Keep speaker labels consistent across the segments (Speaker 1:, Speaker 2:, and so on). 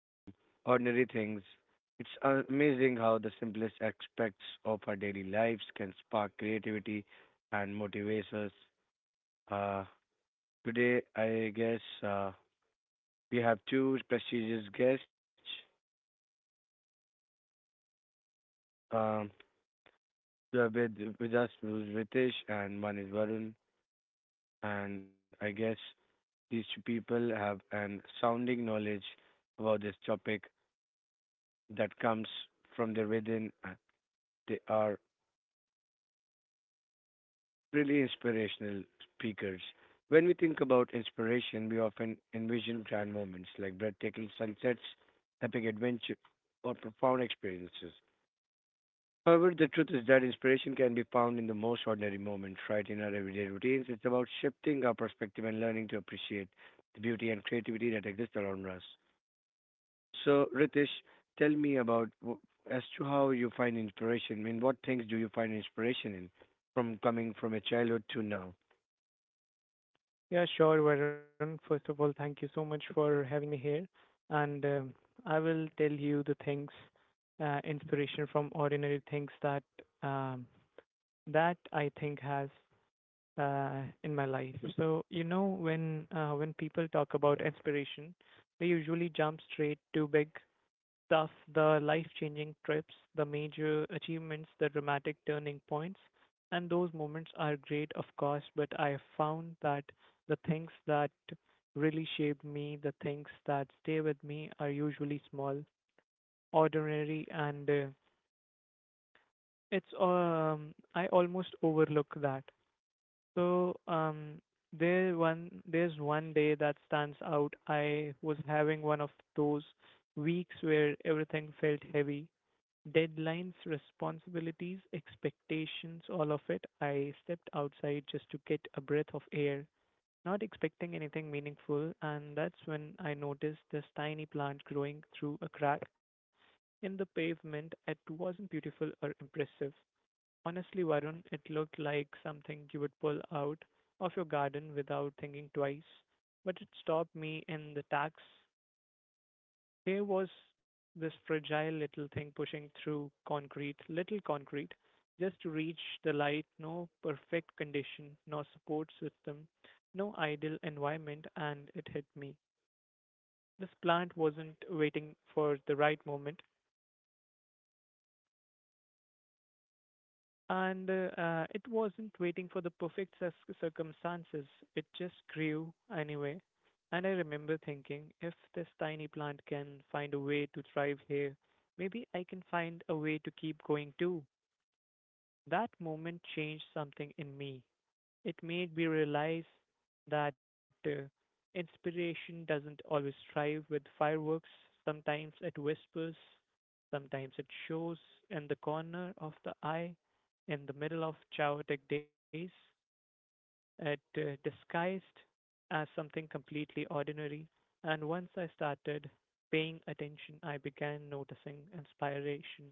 Speaker 1: from ordinary things. It's amazing how the simplest aspects of our daily lives can spark creativity and motivate us. Uh, Today, I guess we have two prestigious guests. Um, we are with us, who's Ritesh, and one is Varun. And I guess these two people have an sounding knowledge about this topic that comes from their within. They are really inspirational speakers. When we think about inspiration, we often envision grand moments like breathtaking sunsets, epic adventure, or profound experiences. However, the truth is that inspiration can be found in the most ordinary moments, right in our everyday routines. It's about shifting our perspective and learning to appreciate the beauty and creativity that exists around us. So, Ritesh, tell me about as to how you find inspiration. I mean, what things do you find inspiration in from coming from a childhood to now?
Speaker 2: Yeah, sure, Varun. First of all, thank you so much for having me here. And I will tell you the things, inspiration from ordinary things that um, that I think has in my life. So you know, when people talk about inspiration, they usually jump straight to big thus, the life-changing trips, the major achievements, the dramatic turning points, and those moments are great, of course, but I found that the things that really shaped me, the things that stay with me, are usually small, ordinary, and it's I almost overlook that. So there's one day that stands out. I was having one of those weeks where everything felt heavy, deadlines, responsibilities, expectations, all of it. I stepped outside just to get a breath of air, not expecting anything meaningful, and that's when I noticed this tiny plant growing through a crack in the pavement. It wasn't beautiful or impressive. Honestly, Varun, it looked like something you would pull out of your garden without thinking twice, but it stopped me in the tracks. There was this fragile little thing pushing through concrete, little concrete, just to reach the light, no perfect condition, no support system, no ideal environment, and it hit me. This plant wasn't waiting for the right moment, and it wasn't waiting for the circumstances. It just grew anyway. And I remember thinking, if this tiny plant can find a way to thrive here, maybe I can find a way to keep going too. That moment changed something in me. It made me realize that inspiration doesn't always thrive with fireworks. Sometimes it whispers, sometimes it shows in the corner of the eye in the middle of chaotic days. It disguised as something completely ordinary. And once I started paying attention, I began noticing inspiration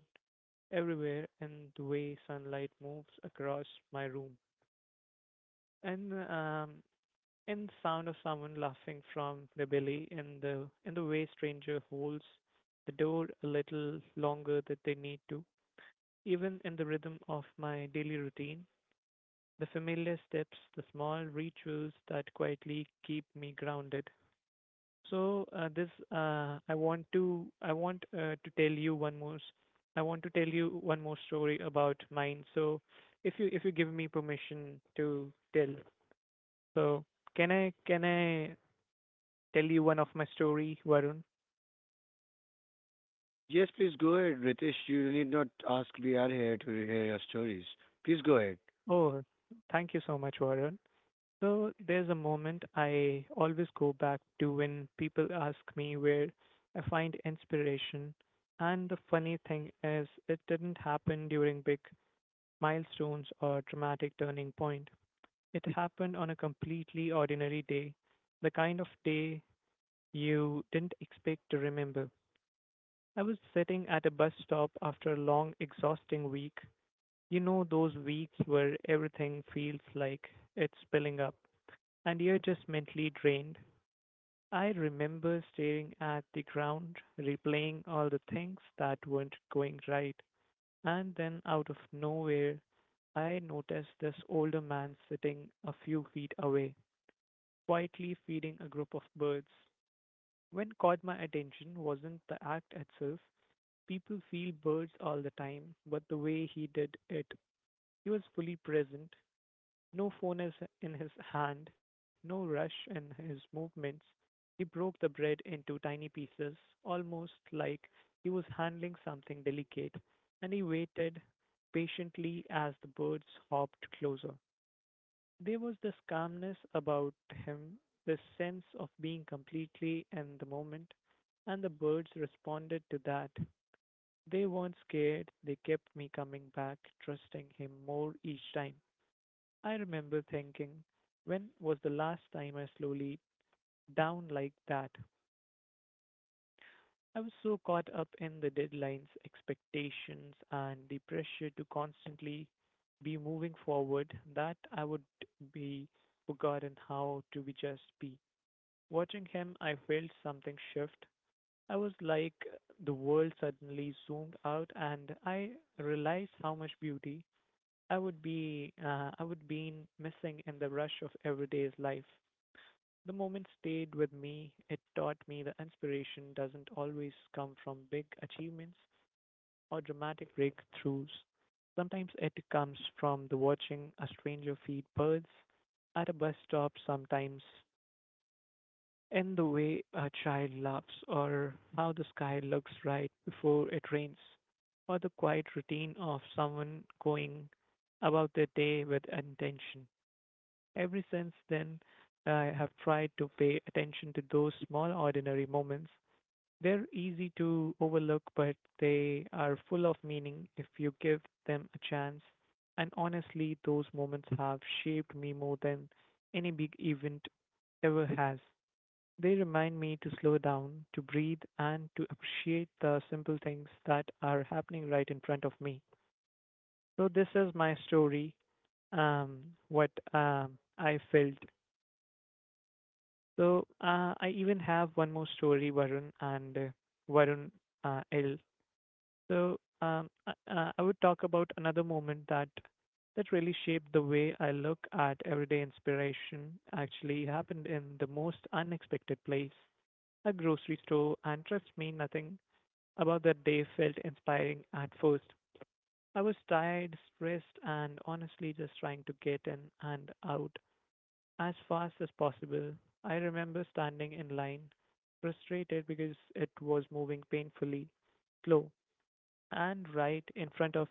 Speaker 2: everywhere, in the way sunlight moves across my room. And In the sound of someone laughing from the belly, in the way stranger holds the door a little longer than they need to. Even in the rhythm of my daily routine, the familiar steps, the small rituals that quietly keep me grounded. So this I want to tell you one more s- I want to tell you one more story about mine. So if you give me permission to tell, so can I tell you one of my story, Varun?
Speaker 1: Yes, please go ahead, Ritesh. You need not ask. We are here to hear your stories. Please go ahead.
Speaker 2: Oh, thank you so much, Varun. So there's a moment I always go back to when people ask me where I find inspiration. And the funny thing is, it didn't happen during big milestones or dramatic turning point. It happened on a completely ordinary day, the kind of day you didn't expect to remember. I was sitting at a bus stop after a long, exhausting week. You know those weeks where everything feels like it's spilling up and you're just mentally drained. I remember staring at the ground, replaying all the things that weren't going right. And then out of nowhere, I noticed this older man sitting a few feet away, quietly feeding a group of birds. What caught my attention wasn't the act itself. People feel birds all the time, but the way he did it, he was fully present. No phone is in his hand, no rush in his movements. He broke the bread into tiny pieces, almost like he was handling something delicate, and he waited patiently as the birds hopped closer. There was this calmness about him, this sense of being completely in the moment, and the birds responded to that. They weren't scared, they kept me coming back, trusting him more each time. I remember thinking, when was the last time I slowly down like that? I was so caught up in the deadlines, expectations, and the pressure to constantly be moving forward that I would be forgotten how to be just be. Watching him, I felt something shift. I was like the world suddenly zoomed out, and I realized how much beauty I would be I would been missing in the rush of everyday's life. The moment stayed with me. It taught me that inspiration doesn't always come from big achievements or dramatic breakthroughs. Sometimes it comes from the watching a stranger feed birds at a bus stop, sometimes in the way a child laughs, or how the sky looks right before it rains, or the quiet routine of someone going about their day with intention. Ever since then, I have tried to pay attention to those small, ordinary moments. They're easy to overlook, but they are full of meaning if you give them a chance. And honestly, those moments have shaped me more than any big event ever has. They remind me to slow down, to breathe, and to appreciate the simple things that are happening right in front of me. So, this is my story, um, what I felt. I even have one more story, Varun, and Varun L. So I would talk about another moment that that really shaped the way I look at everyday inspiration. Actually, happened in the most unexpected place, a grocery store, and trust me, nothing about that day felt inspiring at first. I was tired, stressed, and honestly just trying to get in and out as fast as possible. I remember standing in line, frustrated because it was moving painfully slow, and right in front of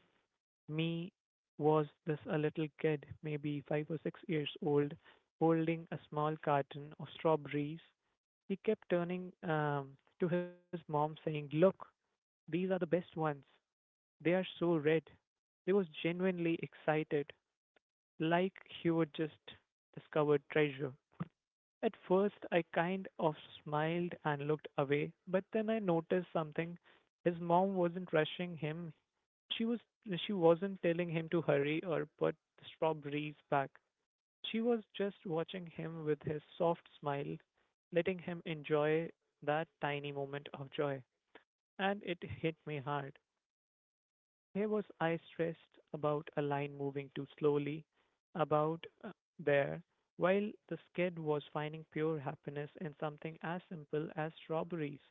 Speaker 2: me was this a little kid, maybe five or six years old, holding a small carton of strawberries. He kept turning to his mom, saying, "Look, these are the best ones. They are so red." He was genuinely excited, like he would just discovered treasure. At first, I kind of smiled and looked away, but then I noticed something. His mom wasn't rushing him. She was she wasn't telling him to hurry or put the strawberries back. She was just watching him with his soft smile, letting him enjoy that tiny moment of joy. And it hit me hard. Here was I stressed about a line moving too slowly, about uh, there, while the sked was finding pure happiness in something as simple as strawberries.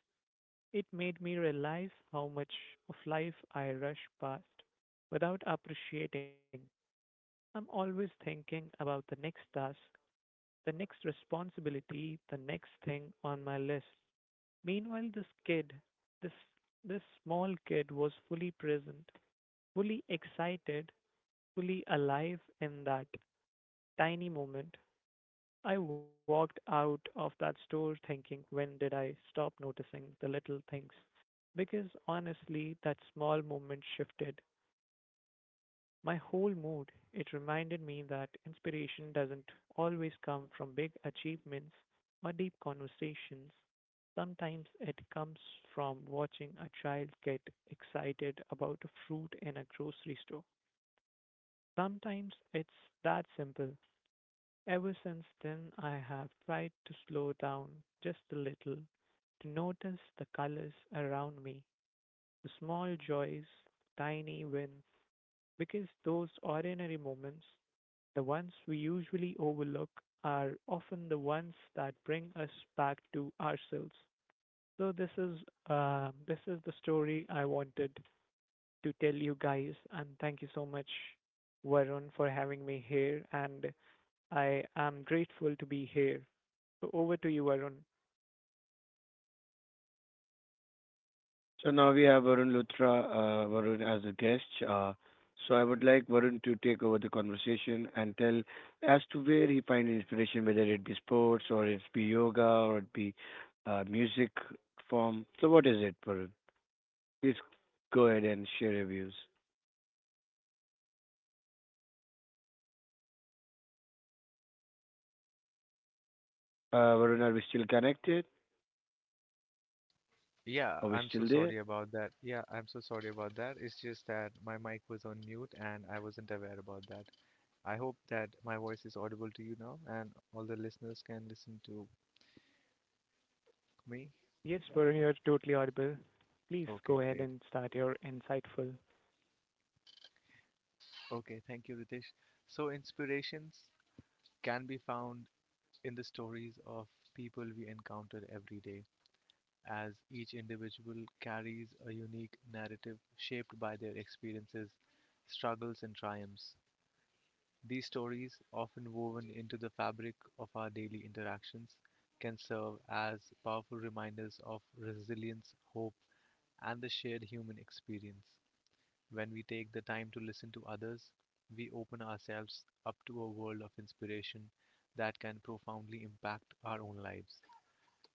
Speaker 2: It made me realize how much of life I rush past without appreciating. I'm always thinking about the next task, the next responsibility, the next thing on my list. Meanwhile, this kid, this this small kid was fully present, fully excited, fully alive in that tiny moment. I walked out of that store thinking, when did I stop noticing the little things? Because honestly, that small moment shifted my whole mood. It reminded me that inspiration doesn't always come from big achievements or deep conversations. Sometimes it comes from watching a child get excited about a fruit in a grocery store. Sometimes it's that simple. Ever since then, I have tried to slow down just a little, to notice the colors around me, the small joys, tiny wins, because those ordinary moments, the ones we usually overlook, are often the ones that bring us back to ourselves. So this is the story I wanted to tell you guys, and thank you so much, Varun, for having me here, and I am grateful to be here. So over to you, Arun.
Speaker 1: So now we have Varun Luthra, Varun as a guest. So I would like Varun to take over the conversation and tell as to where he finds inspiration, whether it be sports or it be yoga or it be music form. So what is it, Varun? Please go ahead and share your views. Varun, are we still connected?
Speaker 3: Yeah,
Speaker 1: Are we
Speaker 3: I'm so
Speaker 1: still there?
Speaker 3: sorry about that. It's just that my mic was on mute and I wasn't aware about that. I hope that my voice is audible to you now and all the listeners can listen to me.
Speaker 2: Yes, we're here, totally audible. Please
Speaker 3: Okay,
Speaker 2: go
Speaker 3: great.
Speaker 2: ahead and start your insightful.
Speaker 3: Okay, thank you, Ritesh. So, inspirations can be found in the stories of people we encounter every day, as each individual carries a unique narrative shaped by their experiences, struggles, and triumphs. These stories, often woven into the fabric of our daily interactions, can serve as powerful reminders of resilience, hope, and the shared human experience. When we take the time to listen to others, we open ourselves up to a world of inspiration that can profoundly impact our own lives.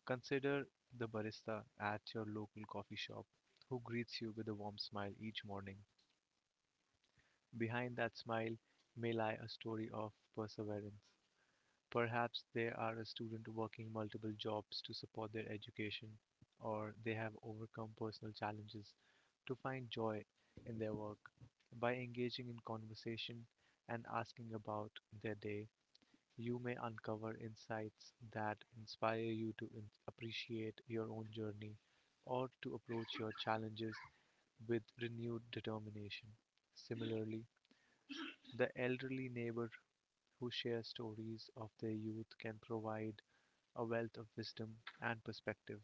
Speaker 3: Consider the barista at your local coffee shop who greets you with a warm smile each morning. Behind that smile may lie a story of perseverance. Perhaps they are a student working multiple jobs to support their education, or they have overcome personal challenges to find joy in their work. By engaging in conversation and asking about their day, you may uncover insights that inspire you to appreciate your own journey or to approach your challenges with renewed determination. Similarly, the elderly neighbor who shares stories of their youth can provide a wealth of wisdom and perspective.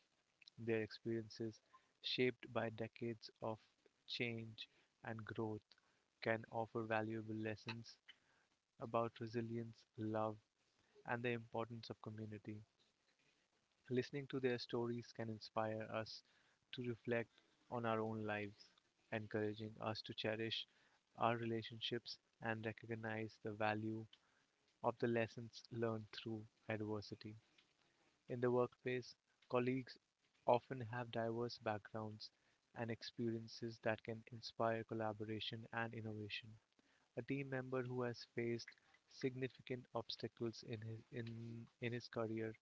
Speaker 3: Their experiences, shaped by decades of change and growth, can offer valuable lessons about resilience, love, and the importance of community. Listening to their stories can inspire us to reflect on our own lives, encouraging us to cherish our relationships and recognize the value of the lessons learned through adversity. In the workplace, colleagues often have diverse backgrounds and experiences that can inspire collaboration and innovation. A team member who has faced significant obstacles in his career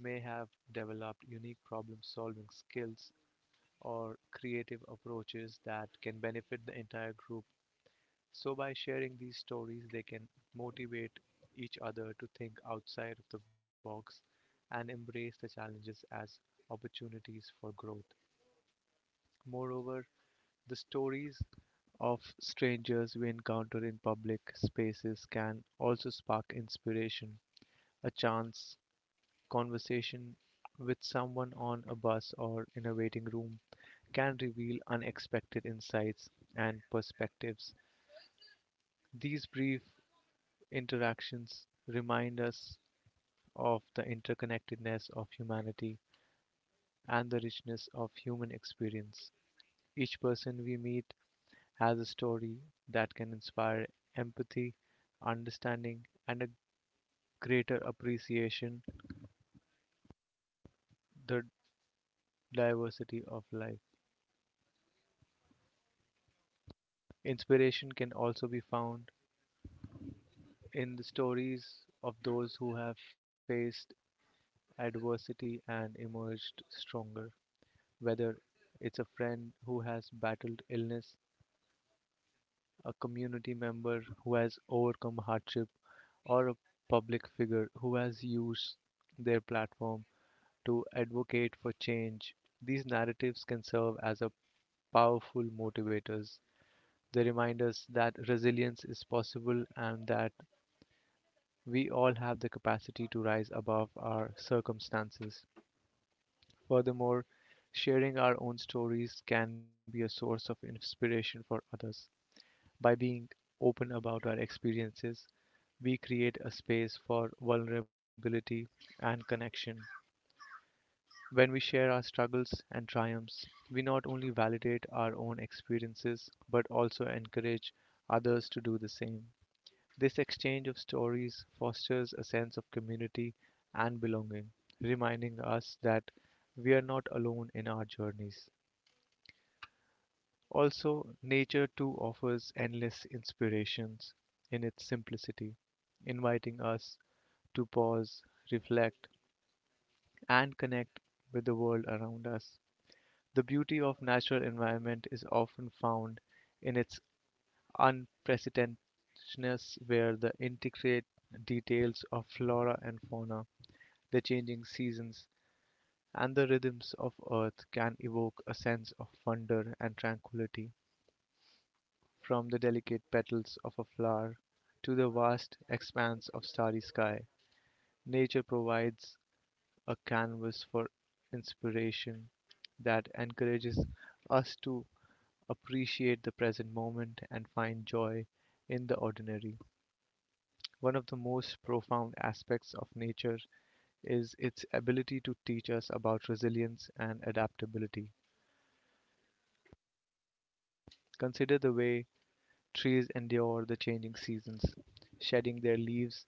Speaker 3: may have developed unique problem-solving skills or creative approaches that can benefit the entire group. So, by sharing these stories, they can motivate each other to think outside of the box and embrace the challenges as opportunities for growth. Moreover, the stories of strangers we encounter in public spaces can also spark inspiration. A chance conversation with someone on a bus or in a waiting room can reveal unexpected insights and perspectives. These brief interactions remind us of the interconnectedness of humanity and the richness of human experience. Each person we meet has a story that can inspire empathy, understanding, and a greater appreciation the diversity of life. Inspiration can also be found in the stories of those who have faced adversity and emerged stronger. Whether it's a friend who has battled illness, a community member who has overcome hardship, or a public figure who has used their platform to advocate for change, these narratives can serve as a powerful motivators. They remind us that resilience is possible and that we all have the capacity to rise above our circumstances. Furthermore, sharing our own stories can be a source of inspiration for others. By being open about our experiences, we create a space for vulnerability and connection. When we share our struggles and triumphs, we not only validate our own experiences but also encourage others to do the same. This exchange of stories fosters a sense of community and belonging, reminding us that we are not alone in our journeys. Also, nature too offers endless inspirations in its simplicity, inviting us to pause, reflect, and connect with the world around us. The beauty of natural environment is often found in its unprecedentedness, where the intricate details of flora and fauna, the changing seasons, and the rhythms of earth can evoke a sense of wonder and tranquility. From the delicate petals of a flower to the vast expanse of starry sky, nature provides a canvas for inspiration that encourages us to appreciate the present moment and find joy in the ordinary. One of the most profound aspects of nature is its ability to teach us about resilience and adaptability. Consider the way trees endure the changing seasons, shedding their leaves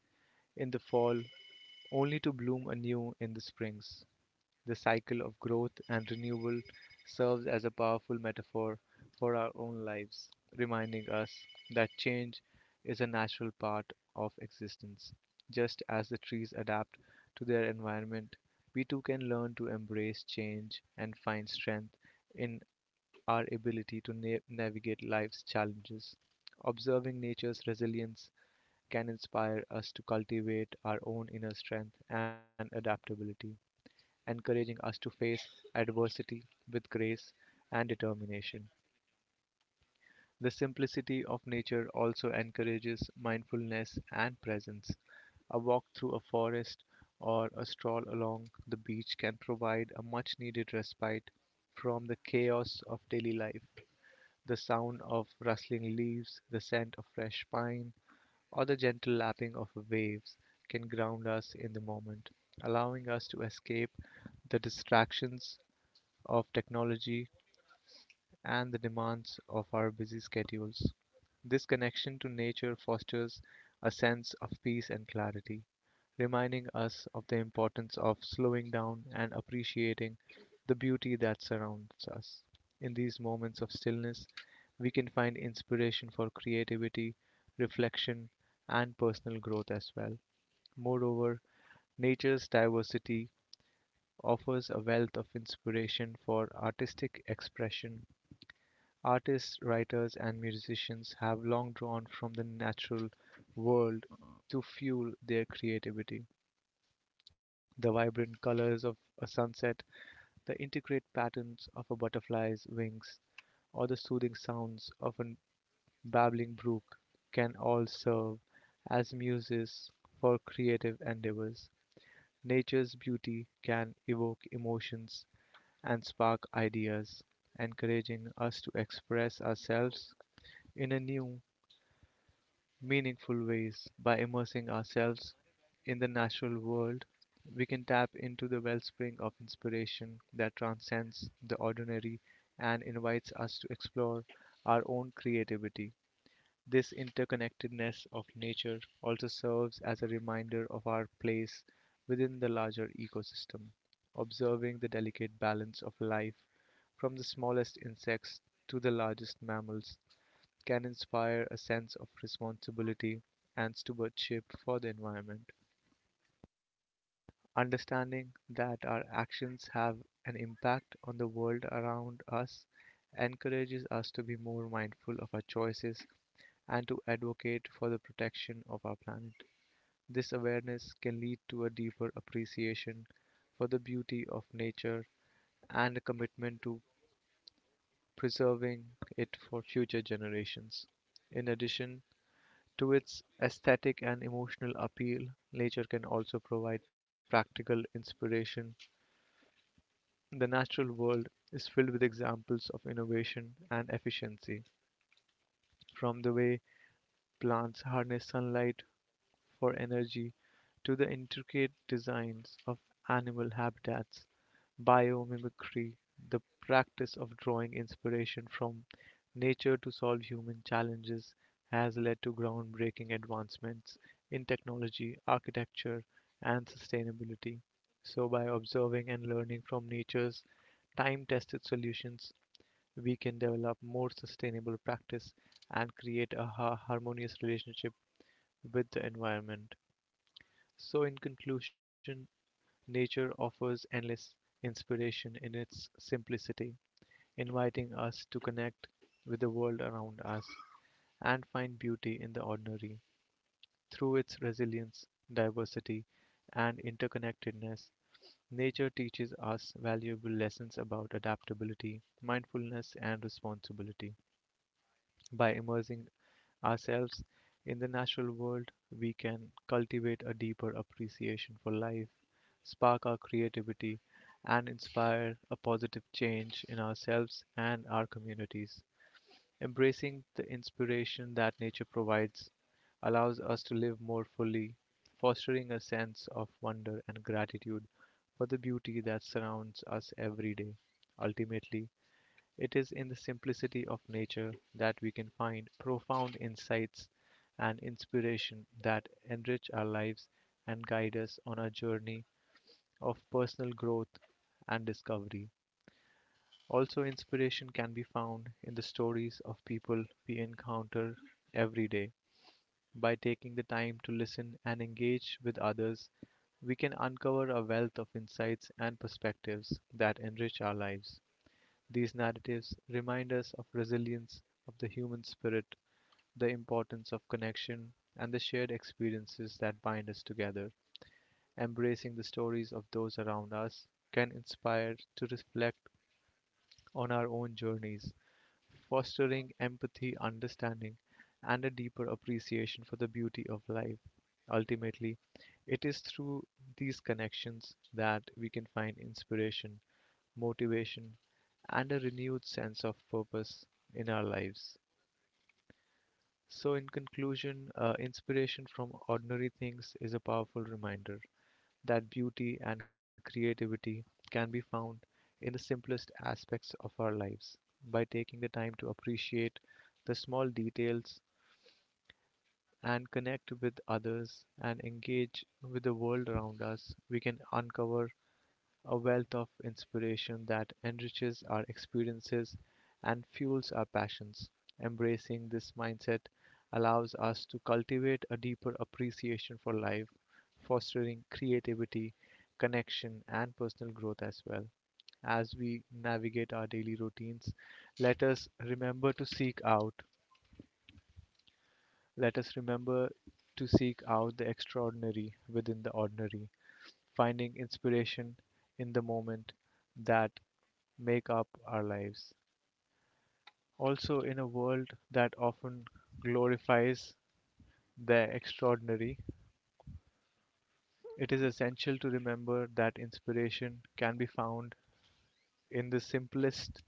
Speaker 3: in the fall only to bloom anew in the springs. The cycle of growth and renewal serves as a powerful metaphor for our own lives, reminding us that change is a natural part of existence. Just as the trees adapt to their environment, we too can learn to embrace change and find strength in our ability to navigate life's challenges. Observing nature's resilience can inspire us to cultivate our own inner strength and adaptability, encouraging us to face adversity with grace and determination. The simplicity of nature also encourages mindfulness and presence. A walk through a forest or a stroll along the beach can provide a much needed respite from the chaos of daily life. The sound of rustling leaves, the scent of fresh pine, or the gentle lapping of waves can ground us in the moment, allowing us to escape the distractions of technology and the demands of our busy schedules. This connection to nature fosters a sense of peace and clarity, reminding us of the importance of slowing down and appreciating the beauty that surrounds us. In these moments of stillness, we can find inspiration for creativity, reflection, and personal growth as well. Moreover, nature's diversity offers a wealth of inspiration for artistic expression. Artists, writers, and musicians have long drawn from the natural world to fuel their creativity. The vibrant colors of a sunset, the intricate patterns of a butterfly's wings, or the soothing sounds of a babbling brook can all serve as muses for creative endeavors. Nature's beauty can evoke emotions and spark ideas, encouraging us to express ourselves in a new meaningful ways. By immersing ourselves in the natural world, we can tap into the wellspring of inspiration that transcends the ordinary and invites us to explore our own creativity. This interconnectedness of nature also serves as a reminder of our place within the larger ecosystem. Observing the delicate balance of life from the smallest insects to the largest mammals can inspire a sense of responsibility and stewardship for the environment. Understanding that our actions have an impact on the world around us encourages us to be more mindful of our choices and to advocate for the protection of our planet. This awareness can lead to a deeper appreciation for the beauty of nature and a commitment to preserving it for future generations. In addition, to its aesthetic and emotional appeal, nature can also provide practical inspiration. The natural world is filled with examples of innovation and efficiency, from the way plants harness sunlight for energy to the intricate designs of animal habitats. Biomimicry, the practice of drawing inspiration from nature to solve human challenges, has led to groundbreaking advancements in technology, architecture, and sustainability. So, by observing and learning from nature's time tested solutions, we can develop more sustainable practice and create a harmonious relationship with the environment. So, in conclusion, nature offers endless inspiration in its simplicity, inviting us to connect with the world around us and find beauty in the ordinary. Through its resilience, diversity, and interconnectedness, nature teaches us valuable lessons about adaptability, mindfulness, and responsibility. By immersing ourselves in the natural world, we can cultivate a deeper appreciation for life, spark our creativity, and inspire a positive change in ourselves and our communities. Embracing the inspiration that nature provides allows us to live more fully, fostering a sense of wonder and gratitude for the beauty that surrounds us every day. Ultimately, it is in the simplicity of nature that we can find profound insights and inspiration that enrich our lives and guide us on our journey of personal growth and discovery. Also, inspiration can be found in the stories of people we encounter every day. By taking the time to listen and engage with others, we can uncover a wealth of insights and perspectives that enrich our lives. These narratives remind us of resilience of the human spirit, the importance of connection, and the shared experiences that bind us together. Embracing the stories of those around us can inspire to reflect on our own journeys, fostering empathy, understanding, and a deeper appreciation for the beauty of life. Ultimately, it is through these connections that we can find inspiration, motivation, and a renewed sense of purpose in our lives. So, in conclusion, inspiration from ordinary things is a powerful reminder that beauty and creativity can be found in the simplest aspects of our lives. By taking the time to appreciate the small details and connect with others and engage with the world around us, we can uncover a wealth of inspiration that enriches our experiences and fuels our passions. Embracing this mindset allows us to cultivate a deeper appreciation for life, fostering creativity, connection, and personal growth as well. As we navigate our daily routines, let us remember to seek out. Let us remember to seek out the extraordinary within the ordinary, finding inspiration in the moment that make up our lives. Also, in a world that often glorifies the extraordinary, it is essential to remember that inspiration can be found in the simplest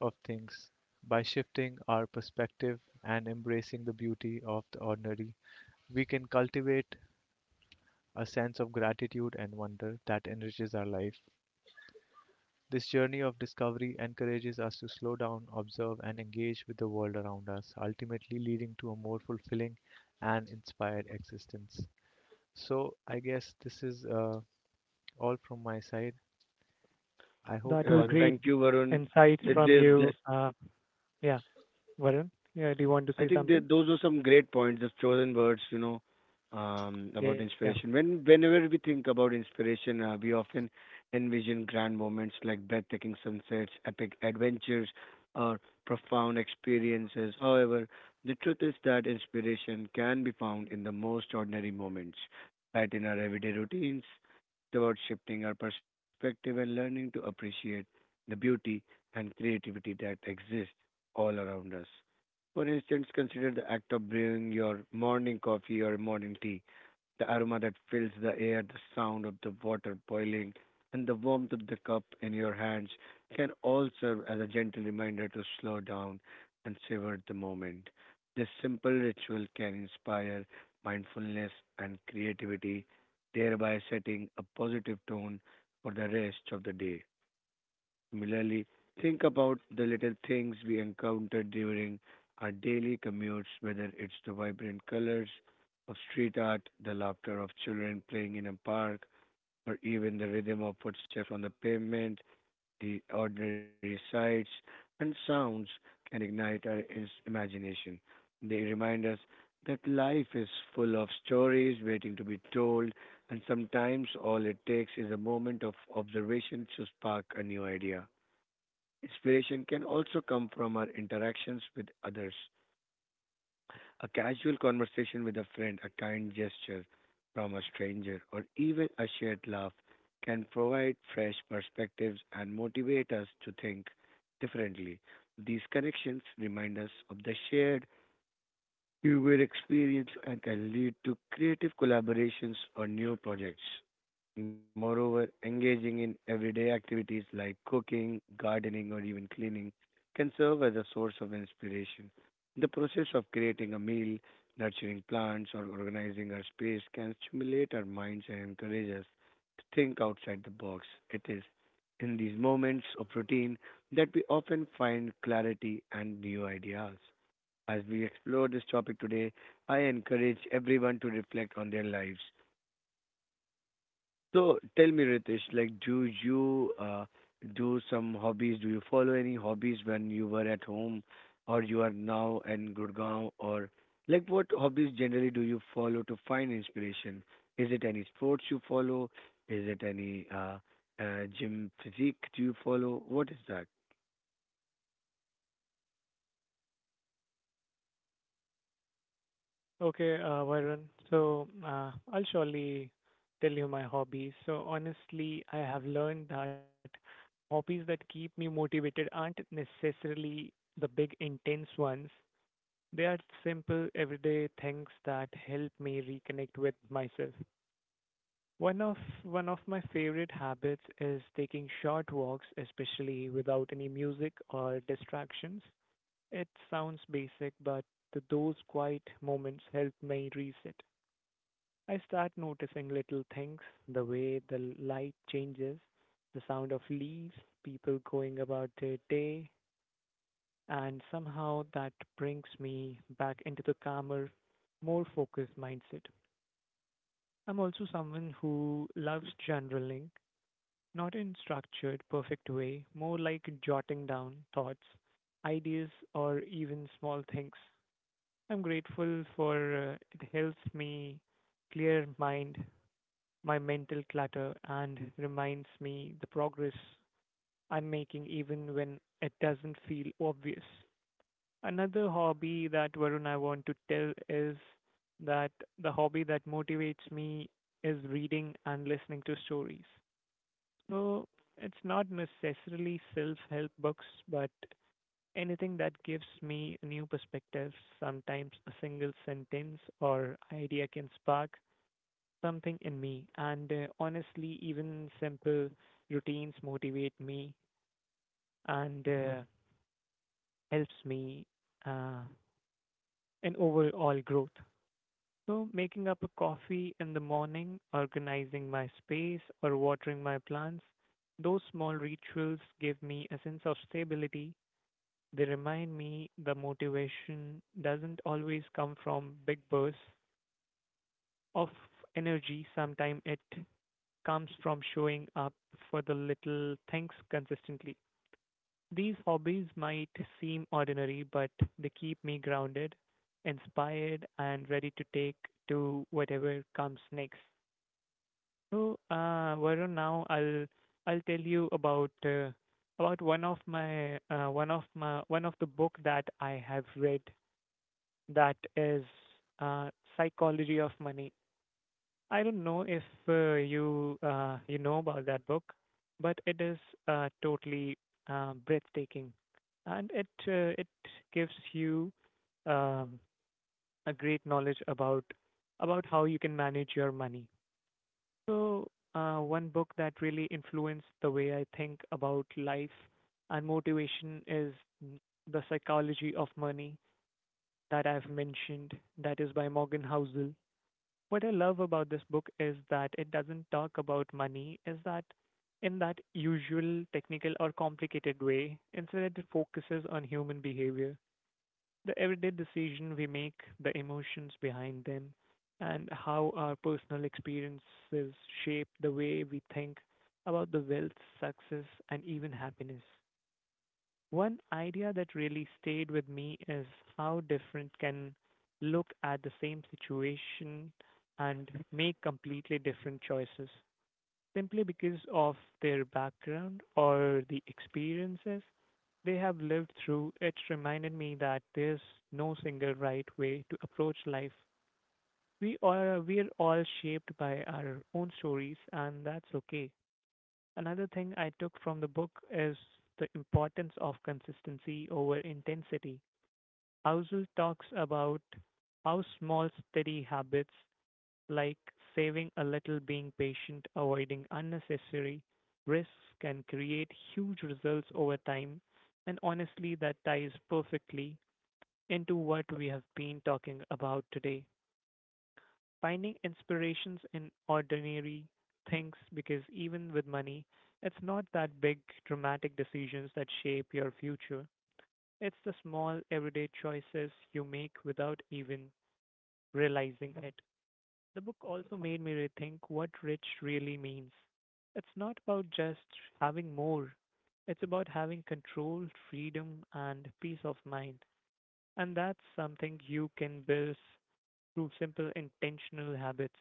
Speaker 3: of things. By shifting our perspective and embracing the beauty of the ordinary, we can cultivate a sense of gratitude and wonder that enriches our life. This journey of discovery encourages us to slow down, observe, and engage with the world around us, ultimately leading to a more fulfilling and inspired existence. So, I guess this is all from my side. I hope
Speaker 2: That were great
Speaker 3: Varun.
Speaker 1: Thank you, Varun.
Speaker 2: insights
Speaker 1: Uh,
Speaker 2: from
Speaker 1: there-
Speaker 2: you.
Speaker 1: there-
Speaker 2: Yeah, Varun, yeah, do you want to
Speaker 1: I
Speaker 2: say
Speaker 1: think
Speaker 2: something?
Speaker 1: that those are some great points, the chosen words,
Speaker 2: Yeah.
Speaker 1: about inspiration. Whenever we think about inspiration, we often envision grand moments like breathtaking sunsets, epic adventures, or profound experiences. However, the truth is that inspiration can be found in the most ordinary moments, right in our everyday routines. It's about shifting our perspective and learning to appreciate the beauty and creativity that exists all around us. For instance, consider the act of brewing your morning coffee or morning tea, the aroma that fills the air, the sound of the water boiling, and the warmth of the cup in your hands can all serve as a gentle reminder to slow down and savor the moment. This simple ritual can inspire mindfulness and creativity, thereby setting a positive tone for the rest of the day. Similarly, think about the little things we encounter during our daily commutes, whether it's the vibrant colors of street art, the laughter of children playing in a park, or even the rhythm of footsteps on the pavement. The ordinary sights and sounds can ignite our imagination. They remind us that life is full of stories waiting to be told, and sometimes all it takes is a moment of observation to spark a new idea. Inspiration can also come from our interactions with others. A casual conversation with a friend, a kind gesture from a stranger, or even a shared laugh can provide fresh perspectives and motivate us to think differently. These connections remind us of the shared you will experience and can lead to creative collaborations or new projects. Moreover, engaging in everyday activities like cooking, gardening, or even cleaning can serve as a source of inspiration. The process of creating a meal, nurturing plants, or organizing our space can stimulate our minds and encourage us to think outside the box. It is in these moments of routine that we often find clarity and new ideas. As we explore this topic today, I encourage everyone to reflect on their lives. So tell me, Ritesh, like, do you do some hobbies? Do you follow any hobbies when you were at home or you are now in Gurgaon? Or, like, what hobbies generally do you follow to find inspiration? Is it any sports you follow? Is it any gym physique do you follow? What is that?
Speaker 2: Okay, Varun. I'll surely tell you my hobbies. So honestly, I have learned that hobbies that keep me motivated aren't necessarily the big intense ones. They are simple everyday things that help me reconnect with myself. One of one of my favorite habits is taking short walks, especially without any music or distractions. It sounds basic, but those quiet moments help me reset. I start noticing little things, the way the light changes, the sound of leaves, people going about their day, and somehow that brings me back into the calmer, more focused mindset. I'm also someone who loves journaling. Not in structured, perfect way, more like jotting down thoughts, ideas, or even small things. I'm grateful for it helps me clear mind, my mental clutter, and reminds me the progress I'm making even when it doesn't feel obvious. Another hobby that Varun I want to tell is that the hobby that motivates me is reading and listening to stories. So it's not necessarily self-help books, but anything that gives me a new perspectives. Sometimes a single sentence or idea can spark something in me. And honestly, even simple routines motivate me and helps me uh, in overall growth. So making up a coffee in the morning, organizing my space, or watering my plants, those small rituals give me a sense of stability. They remind me the motivation doesn't always come from big bursts of energy. Sometimes it comes from showing up for the little things consistently. These hobbies might seem ordinary, but they keep me grounded, inspired, and ready to take to whatever comes next. So, Varun, now I'll tell you about one of the book that I have read, that is uh, Psychology of Money. I don't know if you you know about that book, but it is totally breathtaking, and it gives you um, a great knowledge about how you can manage your money. So one book that really influenced the way I think about life and motivation is mm, The Psychology of Money that I've mentioned. That is by Morgan Housel. What I love about this book is that it doesn't talk about money, is that in that usual technical or complicated way. Instead, it focuses on human behavior, the everyday decision we make, the emotions behind them, and how our personal experiences shape the way we think about the wealth, success, and even happiness. One idea that really stayed with me is how different can look at the same situation and make completely different choices simply because of their background or the experiences they have lived through. It reminded me that there's no single right way to approach life. We are all shaped by our own stories, and that's okay. Another thing I took from the book is the importance of consistency over intensity. Housel talks about how small, steady habits like saving a little, being patient, avoiding unnecessary risks can create huge results over time. And honestly, that ties perfectly into what we have been talking about today. Finding inspirations in ordinary things, because even with money, it's not that big dramatic decisions that shape your future. It's the small everyday choices you make without even realizing it. The book also made me rethink what rich really means. It's not about just having more, it's about having control, freedom, and peace of mind. And that's something you can build through simple intentional habits.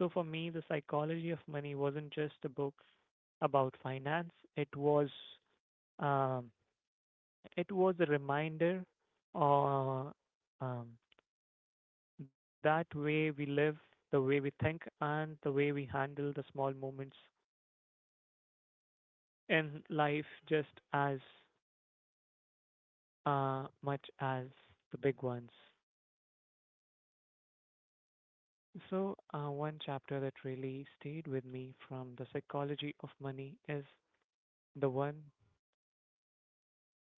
Speaker 2: So for me, the psychology of money wasn't just a book about finance. It was um, it was a reminder, uh, um, that way we live, the way we think, and the way we handle the small moments in life, just as much as the big ones. So, one chapter that really stayed with me from the psychology of money is the one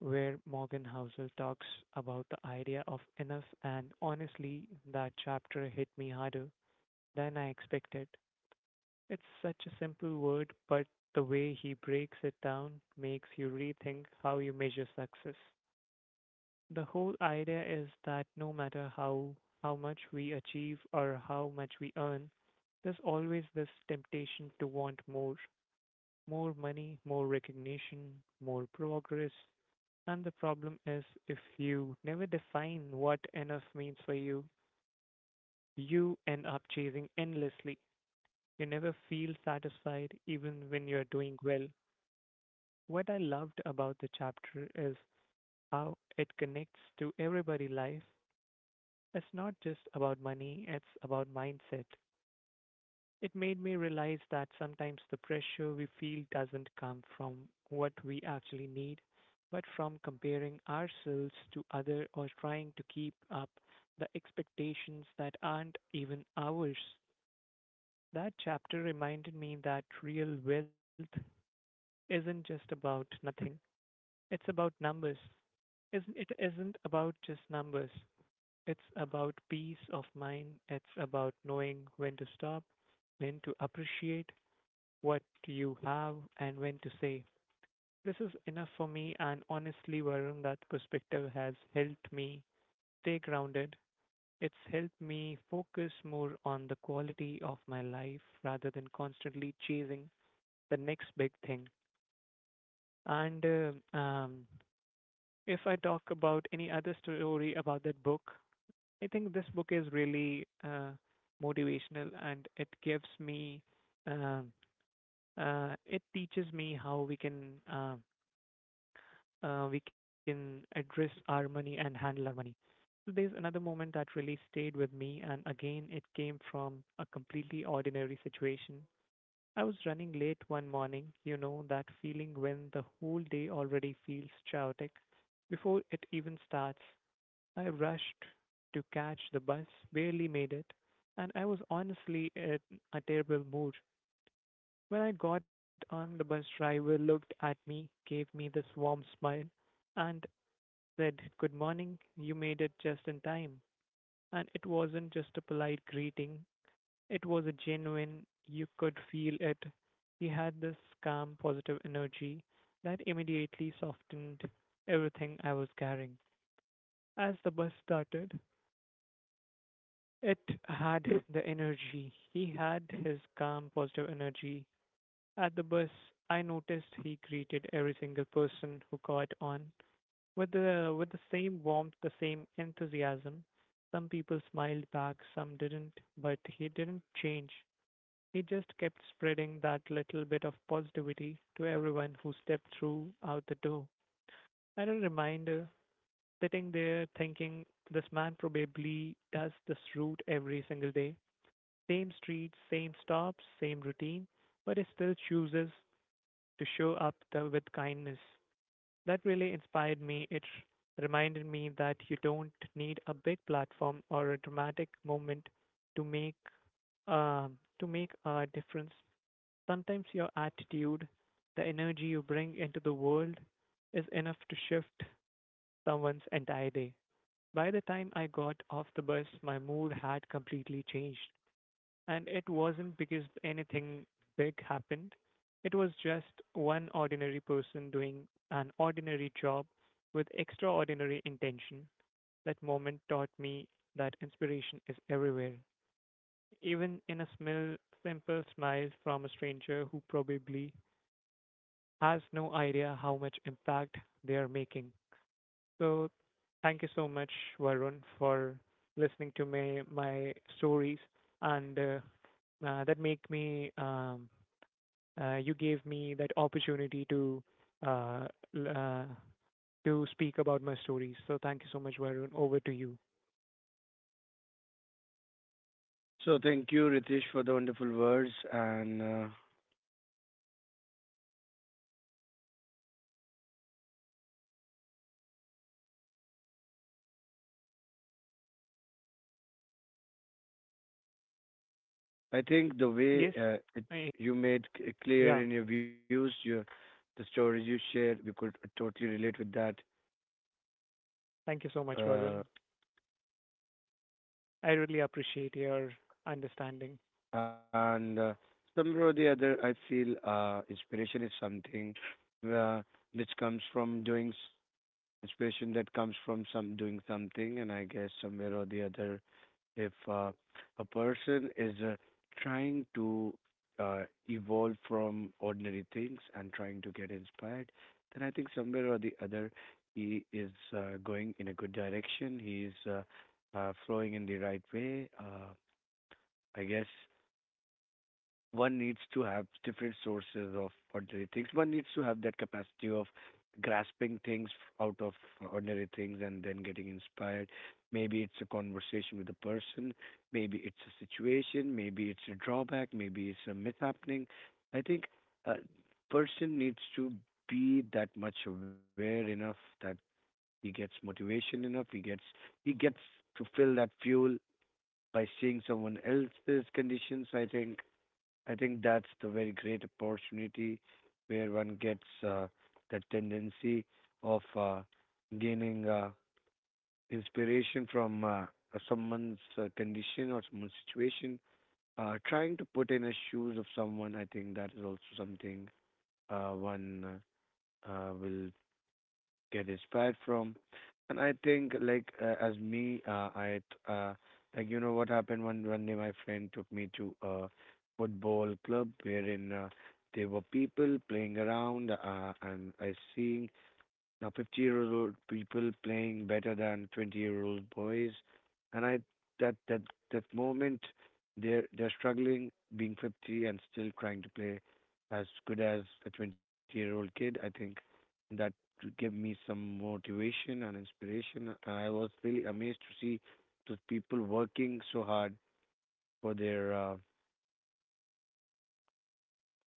Speaker 2: where Morgan Housel talks about the idea of enough, and honestly, that chapter hit me harder than I expected. It's such a simple word, but the way he breaks it down makes you rethink how you measure success. The whole idea is that no matter how much we achieve or how much we earn, there's always this temptation to want more, more money, more recognition, more progress, and the problem is, if you never define what enough means for you, you end up chasing endlessly. You never feel satisfied even when you're doing well. What I loved about the chapter is how it connects to everybody's life. It's not just about money, it's about mindset. It made me realize that sometimes the pressure we feel doesn't come from what we actually need, but from comparing ourselves to others or trying to keep up the expectations that aren't even ours. That chapter reminded me that real wealth isn't just about nothing, it's about numbers. Isn't it isn't about just numbers. It's about peace of mind. It's about knowing when to stop, when to appreciate what you have, and when to say, this is enough for me. And honestly, Varun, that perspective has helped me stay grounded. It's helped me focus more on the quality of my life rather than constantly chasing the next big thing. And if I talk about any other story about that book, I think this book is really motivational, and it gives me, um it teaches me how we can address our money and handle our money. So there's another moment that really stayed with me, and again, it came from a completely ordinary situation. I was running late one morning, you know that feeling when the whole day already feels chaotic before it even starts. I rushed to catch the bus, barely made it, and I was honestly in a terrible mood. When I got on, the bus driver looked at me, gave me this warm smile, and said, good morning. You made it just in time. And it wasn't just a polite greeting, it was a genuine, you could feel it. He had this calm, positive energy that immediately softened everything I was carrying. As the bus started, it had the energy. He had his calm, positive energy. At the bus, I noticed he greeted every single person who got on. With the same warmth, the same enthusiasm, some people smiled back, some didn't, but he didn't change. He just kept spreading that little bit of positivity to everyone who stepped through out the door. I had a reminder sitting there thinking, this man probably does this route every single day. Same streets, same stops, same routine, but he still chooses to show up, the, with kindness. That really inspired me. It reminded me that you don't need a big platform or a dramatic moment to make to make a difference. Sometimes your attitude, the energy you bring into the world, is enough to shift someone's entire day. By the time I got off the bus, my mood had completely changed. And it wasn't because anything big happened. It was just one ordinary person doing an ordinary job with extraordinary intention. That moment taught me that inspiration is everywhere, even in a simple smile from a stranger who probably has no idea how much impact they are making. So, thank you so much, Varun, for listening to my stories, and that make me you gave me that opportunity to uh, l- uh, to speak about my stories. So thank you so much, Varun. Over to you.
Speaker 1: So thank you, Ritesh, for the wonderful words and I think the way
Speaker 2: Yes. I,
Speaker 1: you made
Speaker 2: yeah.
Speaker 1: clear in your views, your the stories you shared, we could totally relate with that.
Speaker 2: Thank you so much, Varun.
Speaker 1: Uh,
Speaker 2: I really appreciate your understanding.
Speaker 1: and somehow or the other, I feel inspiration is something uh, which comes from doing inspiration that comes from some doing something. And I guess somewhere or the other, if a person is trying to uh, evolve from ordinary things and trying to get inspired, then I think somewhere or the other, he is going in a good direction, he is flowing in the right way, I guess. One needs to have different sources of ordinary things. One needs to have that capacity of grasping things out of ordinary things and then getting inspired. Maybe it's a conversation with a person, maybe it's a situation, maybe it's a drawback, maybe it's a mishappening. I think a person needs to be that much aware enough that he gets motivation enough, he gets to fill that fuel by seeing someone else's conditions. I think that's the very great opportunity where one gets uh, the tendency of gaining inspiration from someone's condition or someone's situation. Trying to put in the shoes of someone, I think that is also something one will get inspired from. And I think like as me, like you know what happened one day, my friend took me to a football club wherein there were people playing around, and I seeing now, 50-year-old people playing better than 20 year old boys, and I that that that moment they're struggling being 50 and still trying to play as good as a 20-year-old kid. I think that gave me some motivation and inspiration. I was really amazed to see those people working so hard for their uh,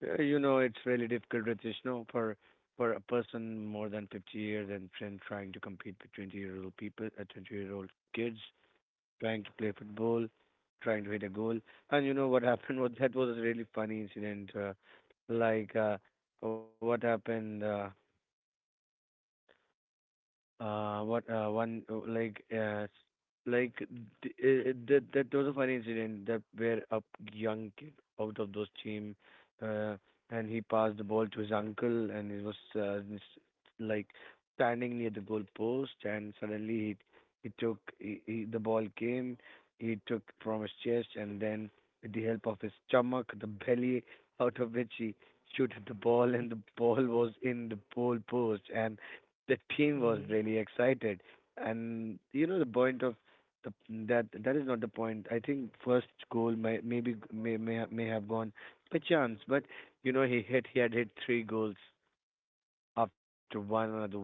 Speaker 1: Uh, You know, it's really difficult, Ritesh, no, for a person more than 50 years, and trying to compete with 20-year-old people, 20-year-old kids, trying to play football, trying to hit a goal. And you know what happened, was a really funny incident. Like uh, what happened? What one like like that was a funny incident, that where a young kid out of those team, uh, and he passed the ball to his uncle, and he was like standing near the goal post, and suddenly he took he, the ball came, he took from his chest, and then with the help of his stomach, the belly, out of which he shot the ball, and the ball was in the goal post, and the team was
Speaker 2: Mm-hmm.
Speaker 1: really excited. And you know the point of the, that is not the point. I think first goal may maybe may, ha- may have gone by chance, but you know, he had hit three goals after one another one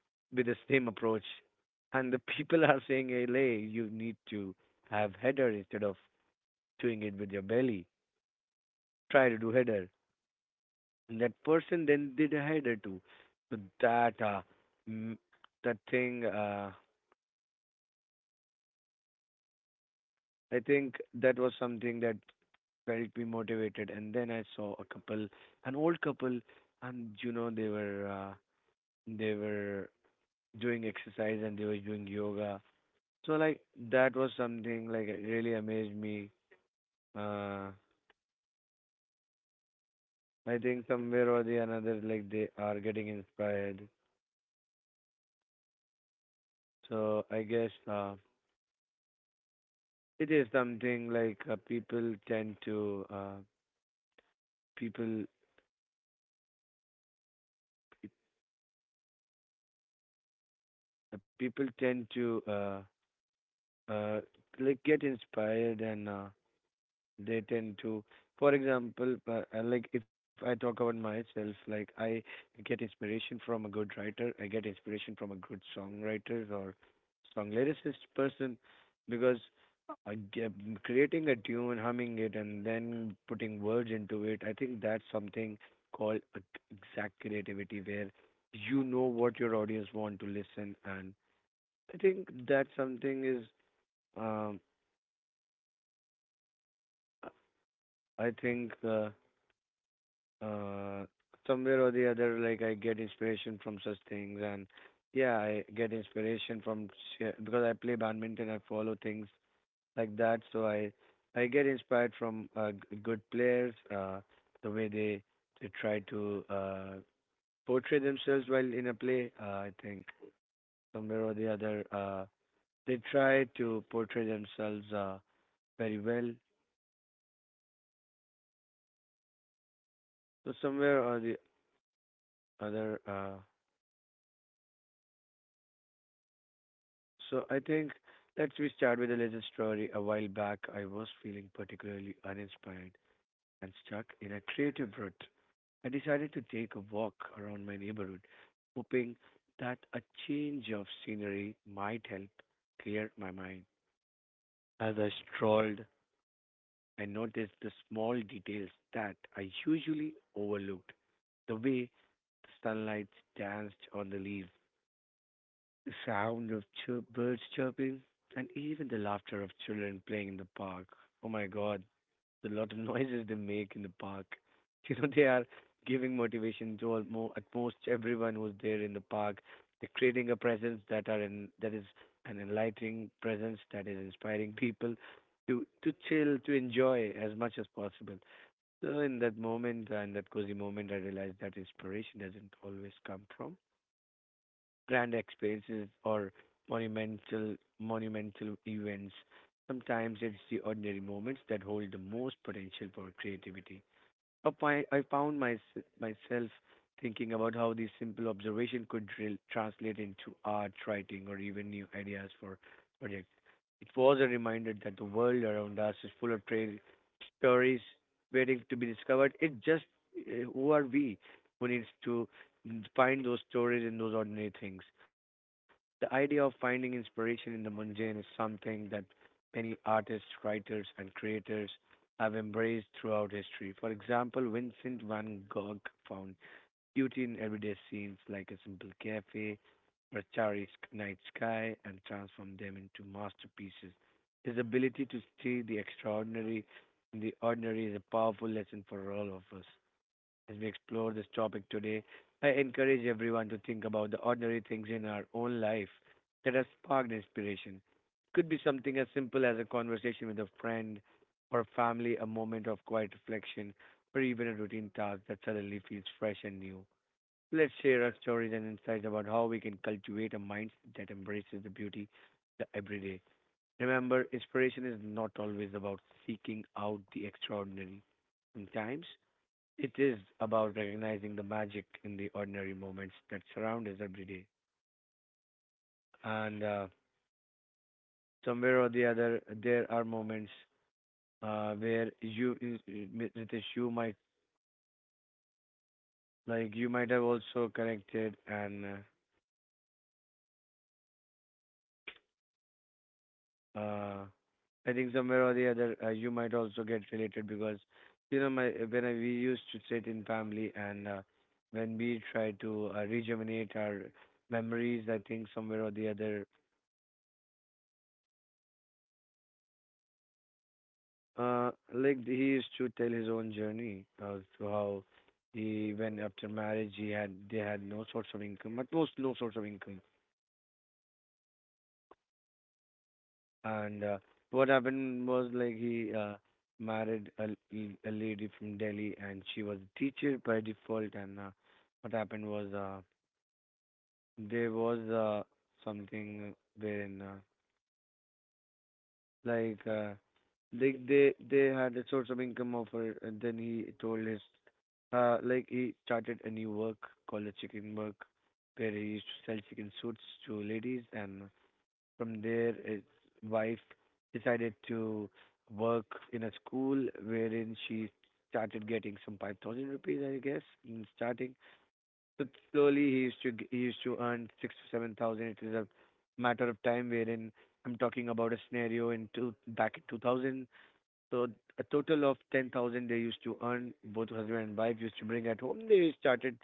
Speaker 1: with the same approach. And the people are saying, hey lay, you need to have header instead of doing it with your belly, try to do header. And that person then did a header too. So that mm, that thing I think that was something that felt me motivated. And then I saw a couple, an old couple, and you know they were doing exercise and they were doing yoga. So like that was something like it really amazed me. Uh, I think somewhere or the another, like they are getting inspired. So I guess it is something like people tend to people pe- people tend to uh, like get inspired, and they tend to, for example, like, if I talk about myself, like I get inspiration from a good writer, I get inspiration from a good songwriter or song lyricist person because uh, ge- creating a tune, humming it, and then putting words into it, I think that's something called exact creativity where you know what your audience want to listen. And I think that something is um I think uh, somewhere or the other, like I get inspiration from such things. And yeah, I get inspiration from because I play badminton. I follow things like that, so I get inspired from good players, the way they try to portray themselves while in a play. I think somewhere or the other, they try to portray themselves very well. So somewhere or the other. So I think let's we start with a little story. A while back, I was feeling particularly uninspired and stuck in a creative rut. I decided to take a walk around my neighborhood, hoping that a change of scenery might help clear my mind. As I strolled, I noticed the small details that I usually overlooked: the way the sunlight danced on the leaves, The sound of chirp, birds chirping, and even the laughter of children playing in the park. Oh my god, the lot of noises they make in the park. You know, they are giving motivation to almost, at most, everyone who's there in the park. They're creating a presence that are in, that is an enlightening presence that is inspiring people to chill, to enjoy as much as possible. So in that moment, in that cozy moment, I realized that inspiration doesn't always come from grand experiences or monumental events. Sometimes it's the ordinary moments that hold the most potential for creativity. Up my, I found my, myself thinking about how this simple observation could translate into art, writing, or even new ideas for projects. It was a reminder that the world around us is full of trail stories waiting to be discovered. It just who are we who needs to find those stories in those ordinary things? The idea of finding inspiration in the mundane is something that many artists, writers, and creators have embraced throughout history. For example, Vincent van Gogh found beauty in everyday scenes like a simple cafe or a night sky and transformed them into masterpieces. His ability to see the extraordinary in the ordinary is a powerful lesson for all of us. As we explore this topic today, I encourage everyone to think about the ordinary things in our own life that have sparked inspiration. Could be something as simple as a conversation with a friend or family, a moment of quiet reflection, or even a routine task that suddenly feels fresh and new. Let's share our stories and insights about how we can cultivate a mindset that embraces the beauty the everyday. Remember, inspiration is not always about seeking out the extraordinary. Sometimes it is about recognizing the magic in the ordinary moments that surround us every day. And somewhere or the other, there are moments where you, Nitish, you might like you might have also connected, and uh, uh, I think somewhere or the other, you might also get related because you know my when I, we used to sit in family and when we try to rejuvenate our memories, I think somewhere or the other. Like he used to tell his own journey of how he when after marriage he had they had no source of income, at most no source of income. And what happened was like he married a, a lady from Delhi, and she was a teacher by default. And what happened was there was something wherein like, they had a source of income offer, and then he told his, like he started a new work called a chicken work, where he used to sell chicken suits to ladies, and from there his wife decided to work in a school wherein she started getting some 5,000 rupees, I guess, in starting, but slowly he used he used to earn 6 to 7 thousand. It is a matter of time wherein I'm talking about a scenario in two back in 2000. So a total of 10,000 they used to earn. Both husband and wife used to bring at home. They started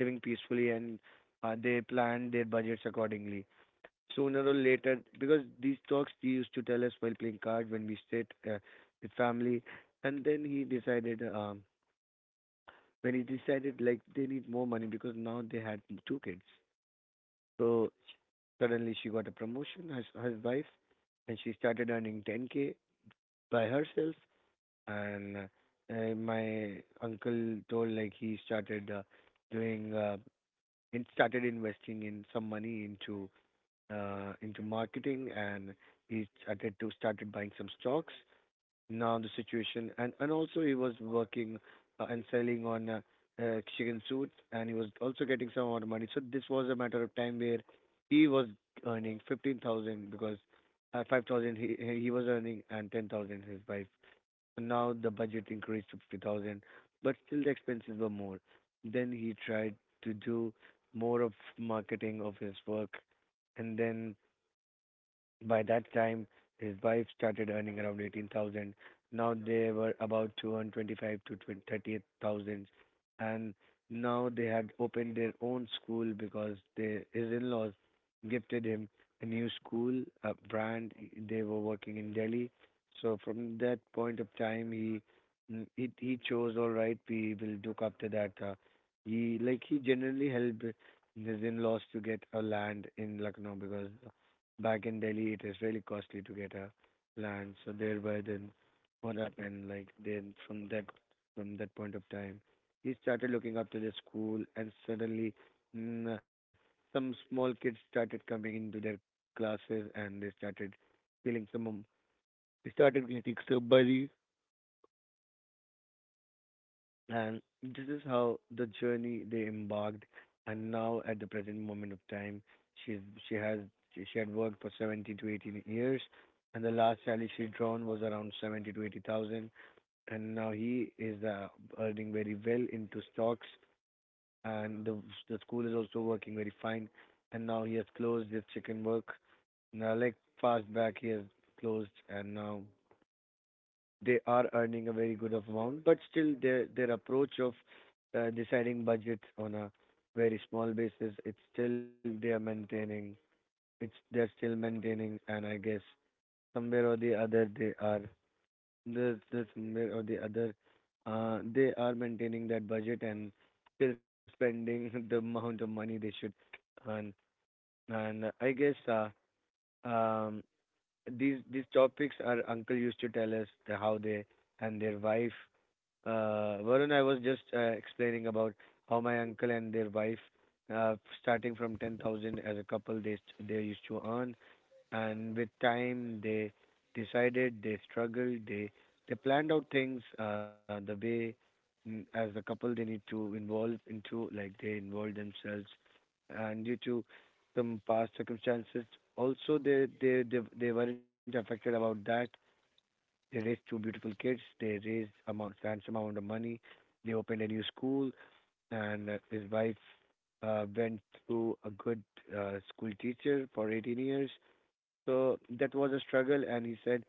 Speaker 1: living peacefully and they planned their budgets accordingly. Sooner or later, because these talks he used to tell us while playing cards when we sit with family, and then he decided when he decided like they need more money because now they had 2 kids, so suddenly she got a promotion, as his wife, and she started earning 10k by herself. And my uncle told like he started doing and started investing in some money into marketing, and he started to started buying some stocks. Now the situation, and also he was working and selling on chicken suits, and he was also getting some amount of money. So this was a matter of time where he was earning 15,000 because 5,000 he was earning and 10,000 his wife. So now the budget increased to 50,000, but still the expenses were more. Then he tried to do more of marketing of his work, and then by that time, his wife started earning around 18,000. Now they were about 225 to 30,000. And now they had opened their own school because they, his in-laws gifted him a new school, a brand. They were working in Delhi. So from that point of time, he he chose, all right, we will look after that. He like he generally helped his in-laws to get a land in Lucknow because back in Delhi, it is really costly to get a land. So thereby, then what happened? Like then from that point of time, he started looking up to the school, and suddenly, mm, some small kids started coming into their classes, and they started feeling some. They started getting somebody. And this is how the journey they embarked. And now, at the present moment of time, she she has she had worked for 70 to 18 years, and the last salary she drawn was around 70 to 80 thousand. And now he is earning very well into stocks, and the school is also working very fine. And now he has closed his chicken work. Now, like fast back, he has closed, and now they are earning a very good amount, but still their approach of deciding budgets on a very small basis, it's still they are maintaining. It's they are still maintaining, and I guess somewhere or the other they are there's somewhere or the other they are maintaining that budget and still spending the amount of money they should earn. And I guess um, these topics our uncle used to tell us the, how they and their wife Varun, I was just explaining about how my uncle and their wife, uh, starting from 10,000 as a couple, they used to earn, and with time they decided, they struggled, they planned out things the way as a couple they need to involve into, like they involve themselves, and due to some past circumstances, also they weren't affected about that. They raised 2 beautiful kids. They raised amount, fancy amount of money. They opened a new school, and his wife went through a good school teacher for 18 years. So that was a struggle, and he said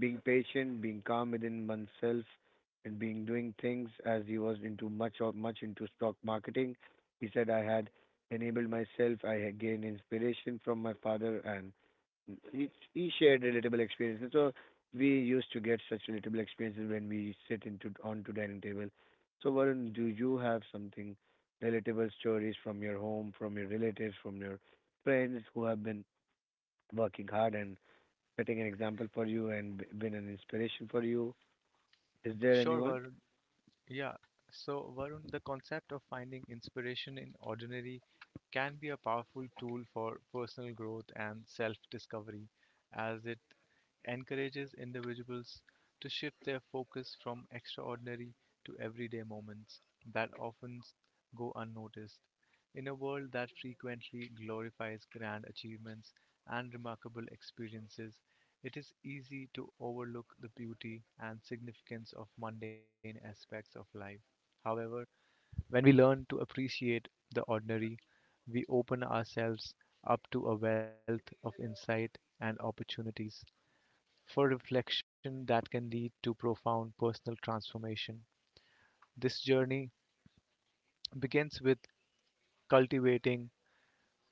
Speaker 1: being patient, being calm within oneself, and being doing things as he was into much into stock marketing. He said I had enabled myself. I had gained inspiration from my father, and he shared relatable experiences. So we used to get such relatable experiences when we sit into on to dining table. So Varun, do you have something relatable stories from your home, from your relatives, from your friends who have been working hard and setting an example for you and been an inspiration for you? Is there
Speaker 3: Sure,
Speaker 1: anyone?
Speaker 3: Varun. Yeah. So, Varun, the concept of finding inspiration in ordinary can be a powerful tool for personal growth and self discovery, as it encourages individuals to shift their focus from extraordinary to everyday moments that often go unnoticed. In a world that frequently glorifies grand achievements and remarkable experiences, it is easy to overlook the beauty and significance of mundane aspects of life. However, when we learn to appreciate the ordinary, we open ourselves up to a wealth of insight and opportunities for reflection that can lead to profound personal transformation. This journey begins with cultivating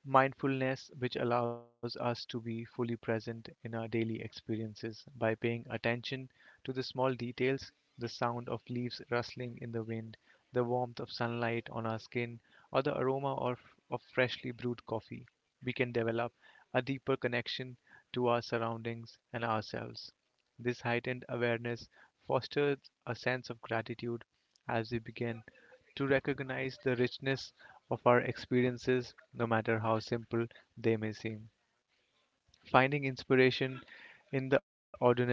Speaker 3: mindfulness, which allows us to be fully present in our daily experiences. By paying attention to the small details, the sound of leaves rustling in the wind, the warmth of sunlight on our skin, or the of freshly brewed coffee, we can develop a deeper connection to our surroundings and ourselves. This heightened awareness fosters a sense of gratitude as we begin to recognize the richness of our experiences, no matter how simple they may seem. Finding inspiration in the ordinary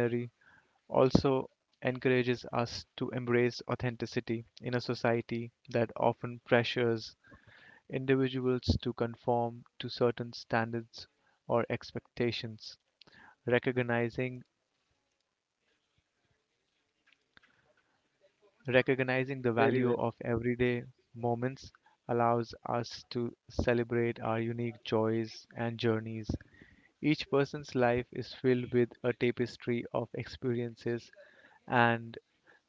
Speaker 3: also encourages us to embrace authenticity in a society that often pressures individuals to conform to certain standards or expectations. Recognizing Recognizing the
Speaker 1: Very
Speaker 3: value
Speaker 1: well.
Speaker 3: of everyday moments allows us to celebrate our unique joys and journeys. Each person's life is filled with a tapestry of experiences, and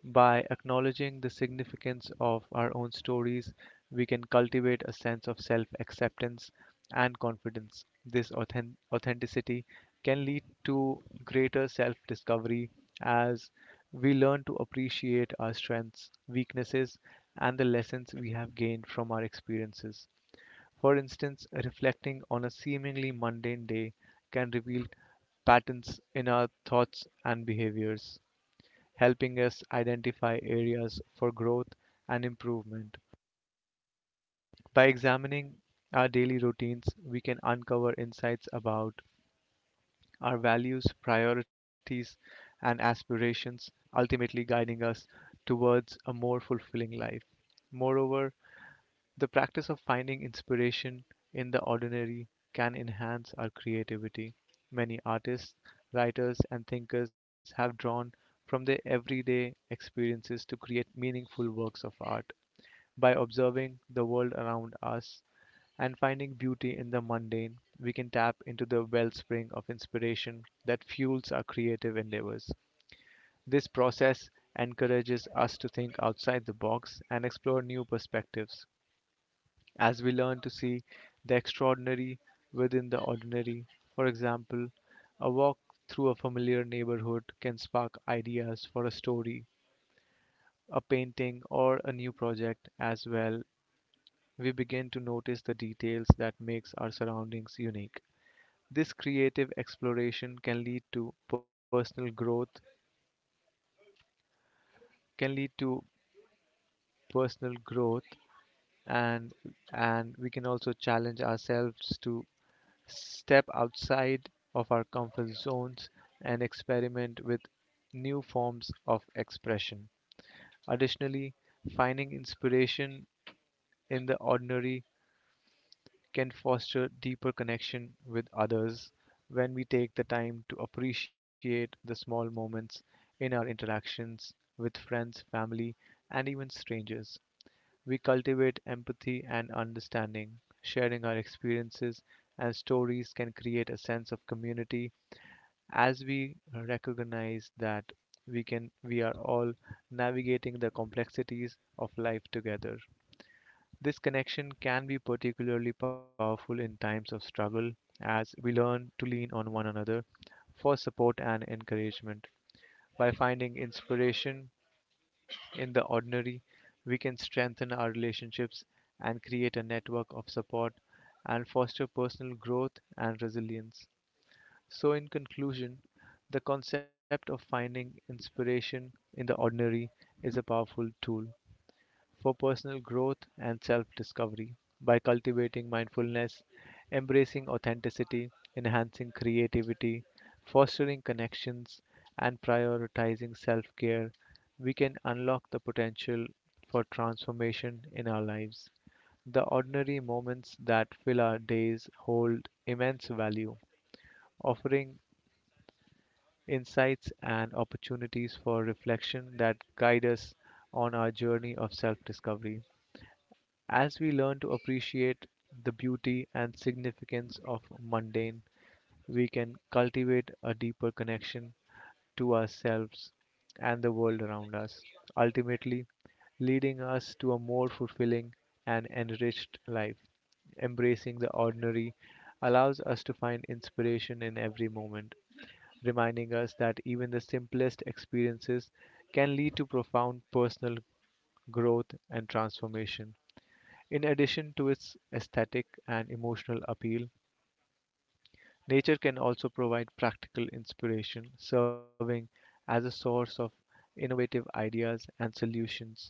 Speaker 3: by acknowledging the significance of our own stories, we can cultivate a sense of self acceptance and confidence. This authenticity can lead to greater self discovery as we learn to appreciate our strengths, weaknesses, and the lessons we have gained from our experiences. For instance, reflecting on a seemingly mundane day can reveal patterns in our thoughts and behaviors, helping us identify areas for growth and improvement. By examining our daily routines, we can uncover insights about our values, priorities, and aspirations, ultimately guiding us towards a more fulfilling life. Moreover, the practice of finding inspiration in the ordinary can enhance our creativity. Many artists, writers, and thinkers have drawn from their everyday experiences to create meaningful works of. By observing the world around us and finding beauty in the mundane, we can tap into the wellspring of inspiration that fuels our creative endeavors. This process encourages us to think outside the box and explore new perspectives as we learn to see the extraordinary within the ordinary. For example, a walk through a familiar neighborhood can spark ideas for a story, a painting, or a new project as well. We begin to notice the details that makes our surroundings unique. This creative exploration can lead to personal growth, can lead to personal growth and and we can also challenge ourselves to step outside of our comfort zones and experiment with new forms of expression. Additionally, finding inspiration in the ordinary can foster deeper connection with others. When we take the time to appreciate the small moments in our interactions with friends, family, and even strangers, we cultivate empathy and understanding. Sharing our experiences and stories can create a sense of community as we recognize that we are all navigating the complexities of life together. This connection can be particularly powerful in times of struggle as we learn to lean on one another for support and encouragement. By finding inspiration in the ordinary, we can strengthen our relationships and create a network of support and foster personal growth and resilience. So, in conclusion, the concept of finding inspiration in the ordinary is a powerful tool for personal growth and self discovery. By cultivating mindfulness, embracing authenticity, enhancing creativity, fostering connections, and prioritizing self care, we can unlock the potential for transformation in our lives. The ordinary moments that fill our days hold immense value, offering insights and opportunities for reflection that guide us on our journey of self discovery. As we learn to appreciate the beauty and significance of mundane, we can cultivate a deeper connection to ourselves and the world around us, ultimately leading us to a more fulfilling and enriched life. Embracing the ordinary allows us to find inspiration in every moment, reminding us that even the simplest experiences can lead to profound personal growth and transformation. In addition to its aesthetic and emotional appeal, nature can also provide practical inspiration, serving as a source of innovative ideas and solutions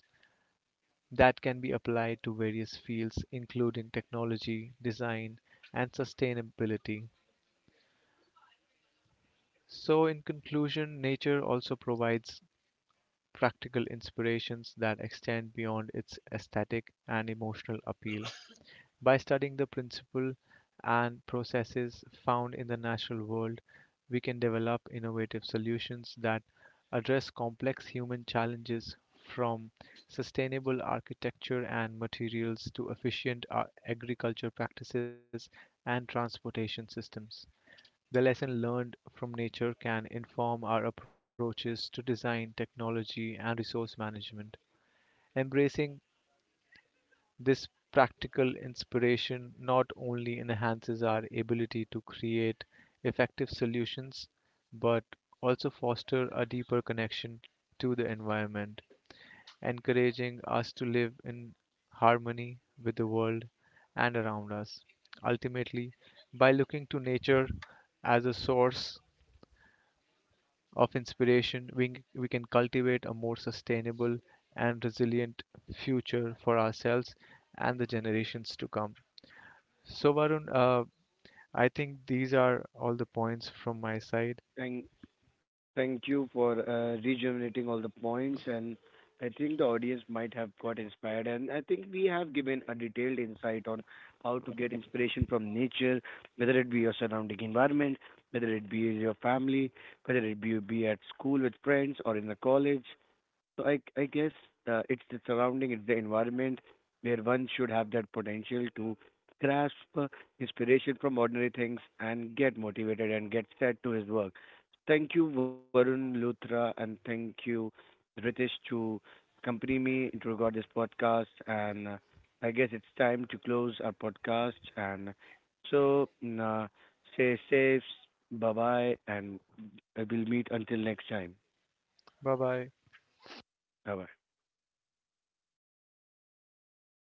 Speaker 3: that can be applied to various fields, including technology, design, and sustainability. So, in conclusion, nature also provides practical inspirations that extend beyond its aesthetic and emotional appeal. By studying the principle and processes found in the natural world, we can develop innovative solutions that address complex human challenges, from sustainable architecture and materials to efficient agriculture practices and transportation systems. The lesson learned from nature can inform our approaches to design, technology, and resource management. Embracing this practical inspiration not only enhances our ability to create effective solutions, but also foster a deeper connection to the environment, encouraging us to live in harmony with the world and around us. Ultimately, by looking to nature as a source of inspiration, we can cultivate a more sustainable and resilient future for ourselves and the generations to come. So, Varun, I think these are all the points from my side.
Speaker 1: Thank Thank you for rejuvenating all the points, and I think the audience might have got inspired. And I think we have given a detailed insight on how to get inspiration from nature, whether it be your surrounding environment, whether it be your family, whether it be at school with friends or in the college. So I guess it's the surrounding, it's the environment where one should have that potential to grasp inspiration from ordinary things and get motivated and get set to his work. Thank you, Varun Luthra, and thank you, Ritesh, to accompany me to record this podcast. And I guess it's time to close our podcast. And so stay safe, bye bye, and I will meet until next time.
Speaker 3: Bye bye.
Speaker 1: Bye bye.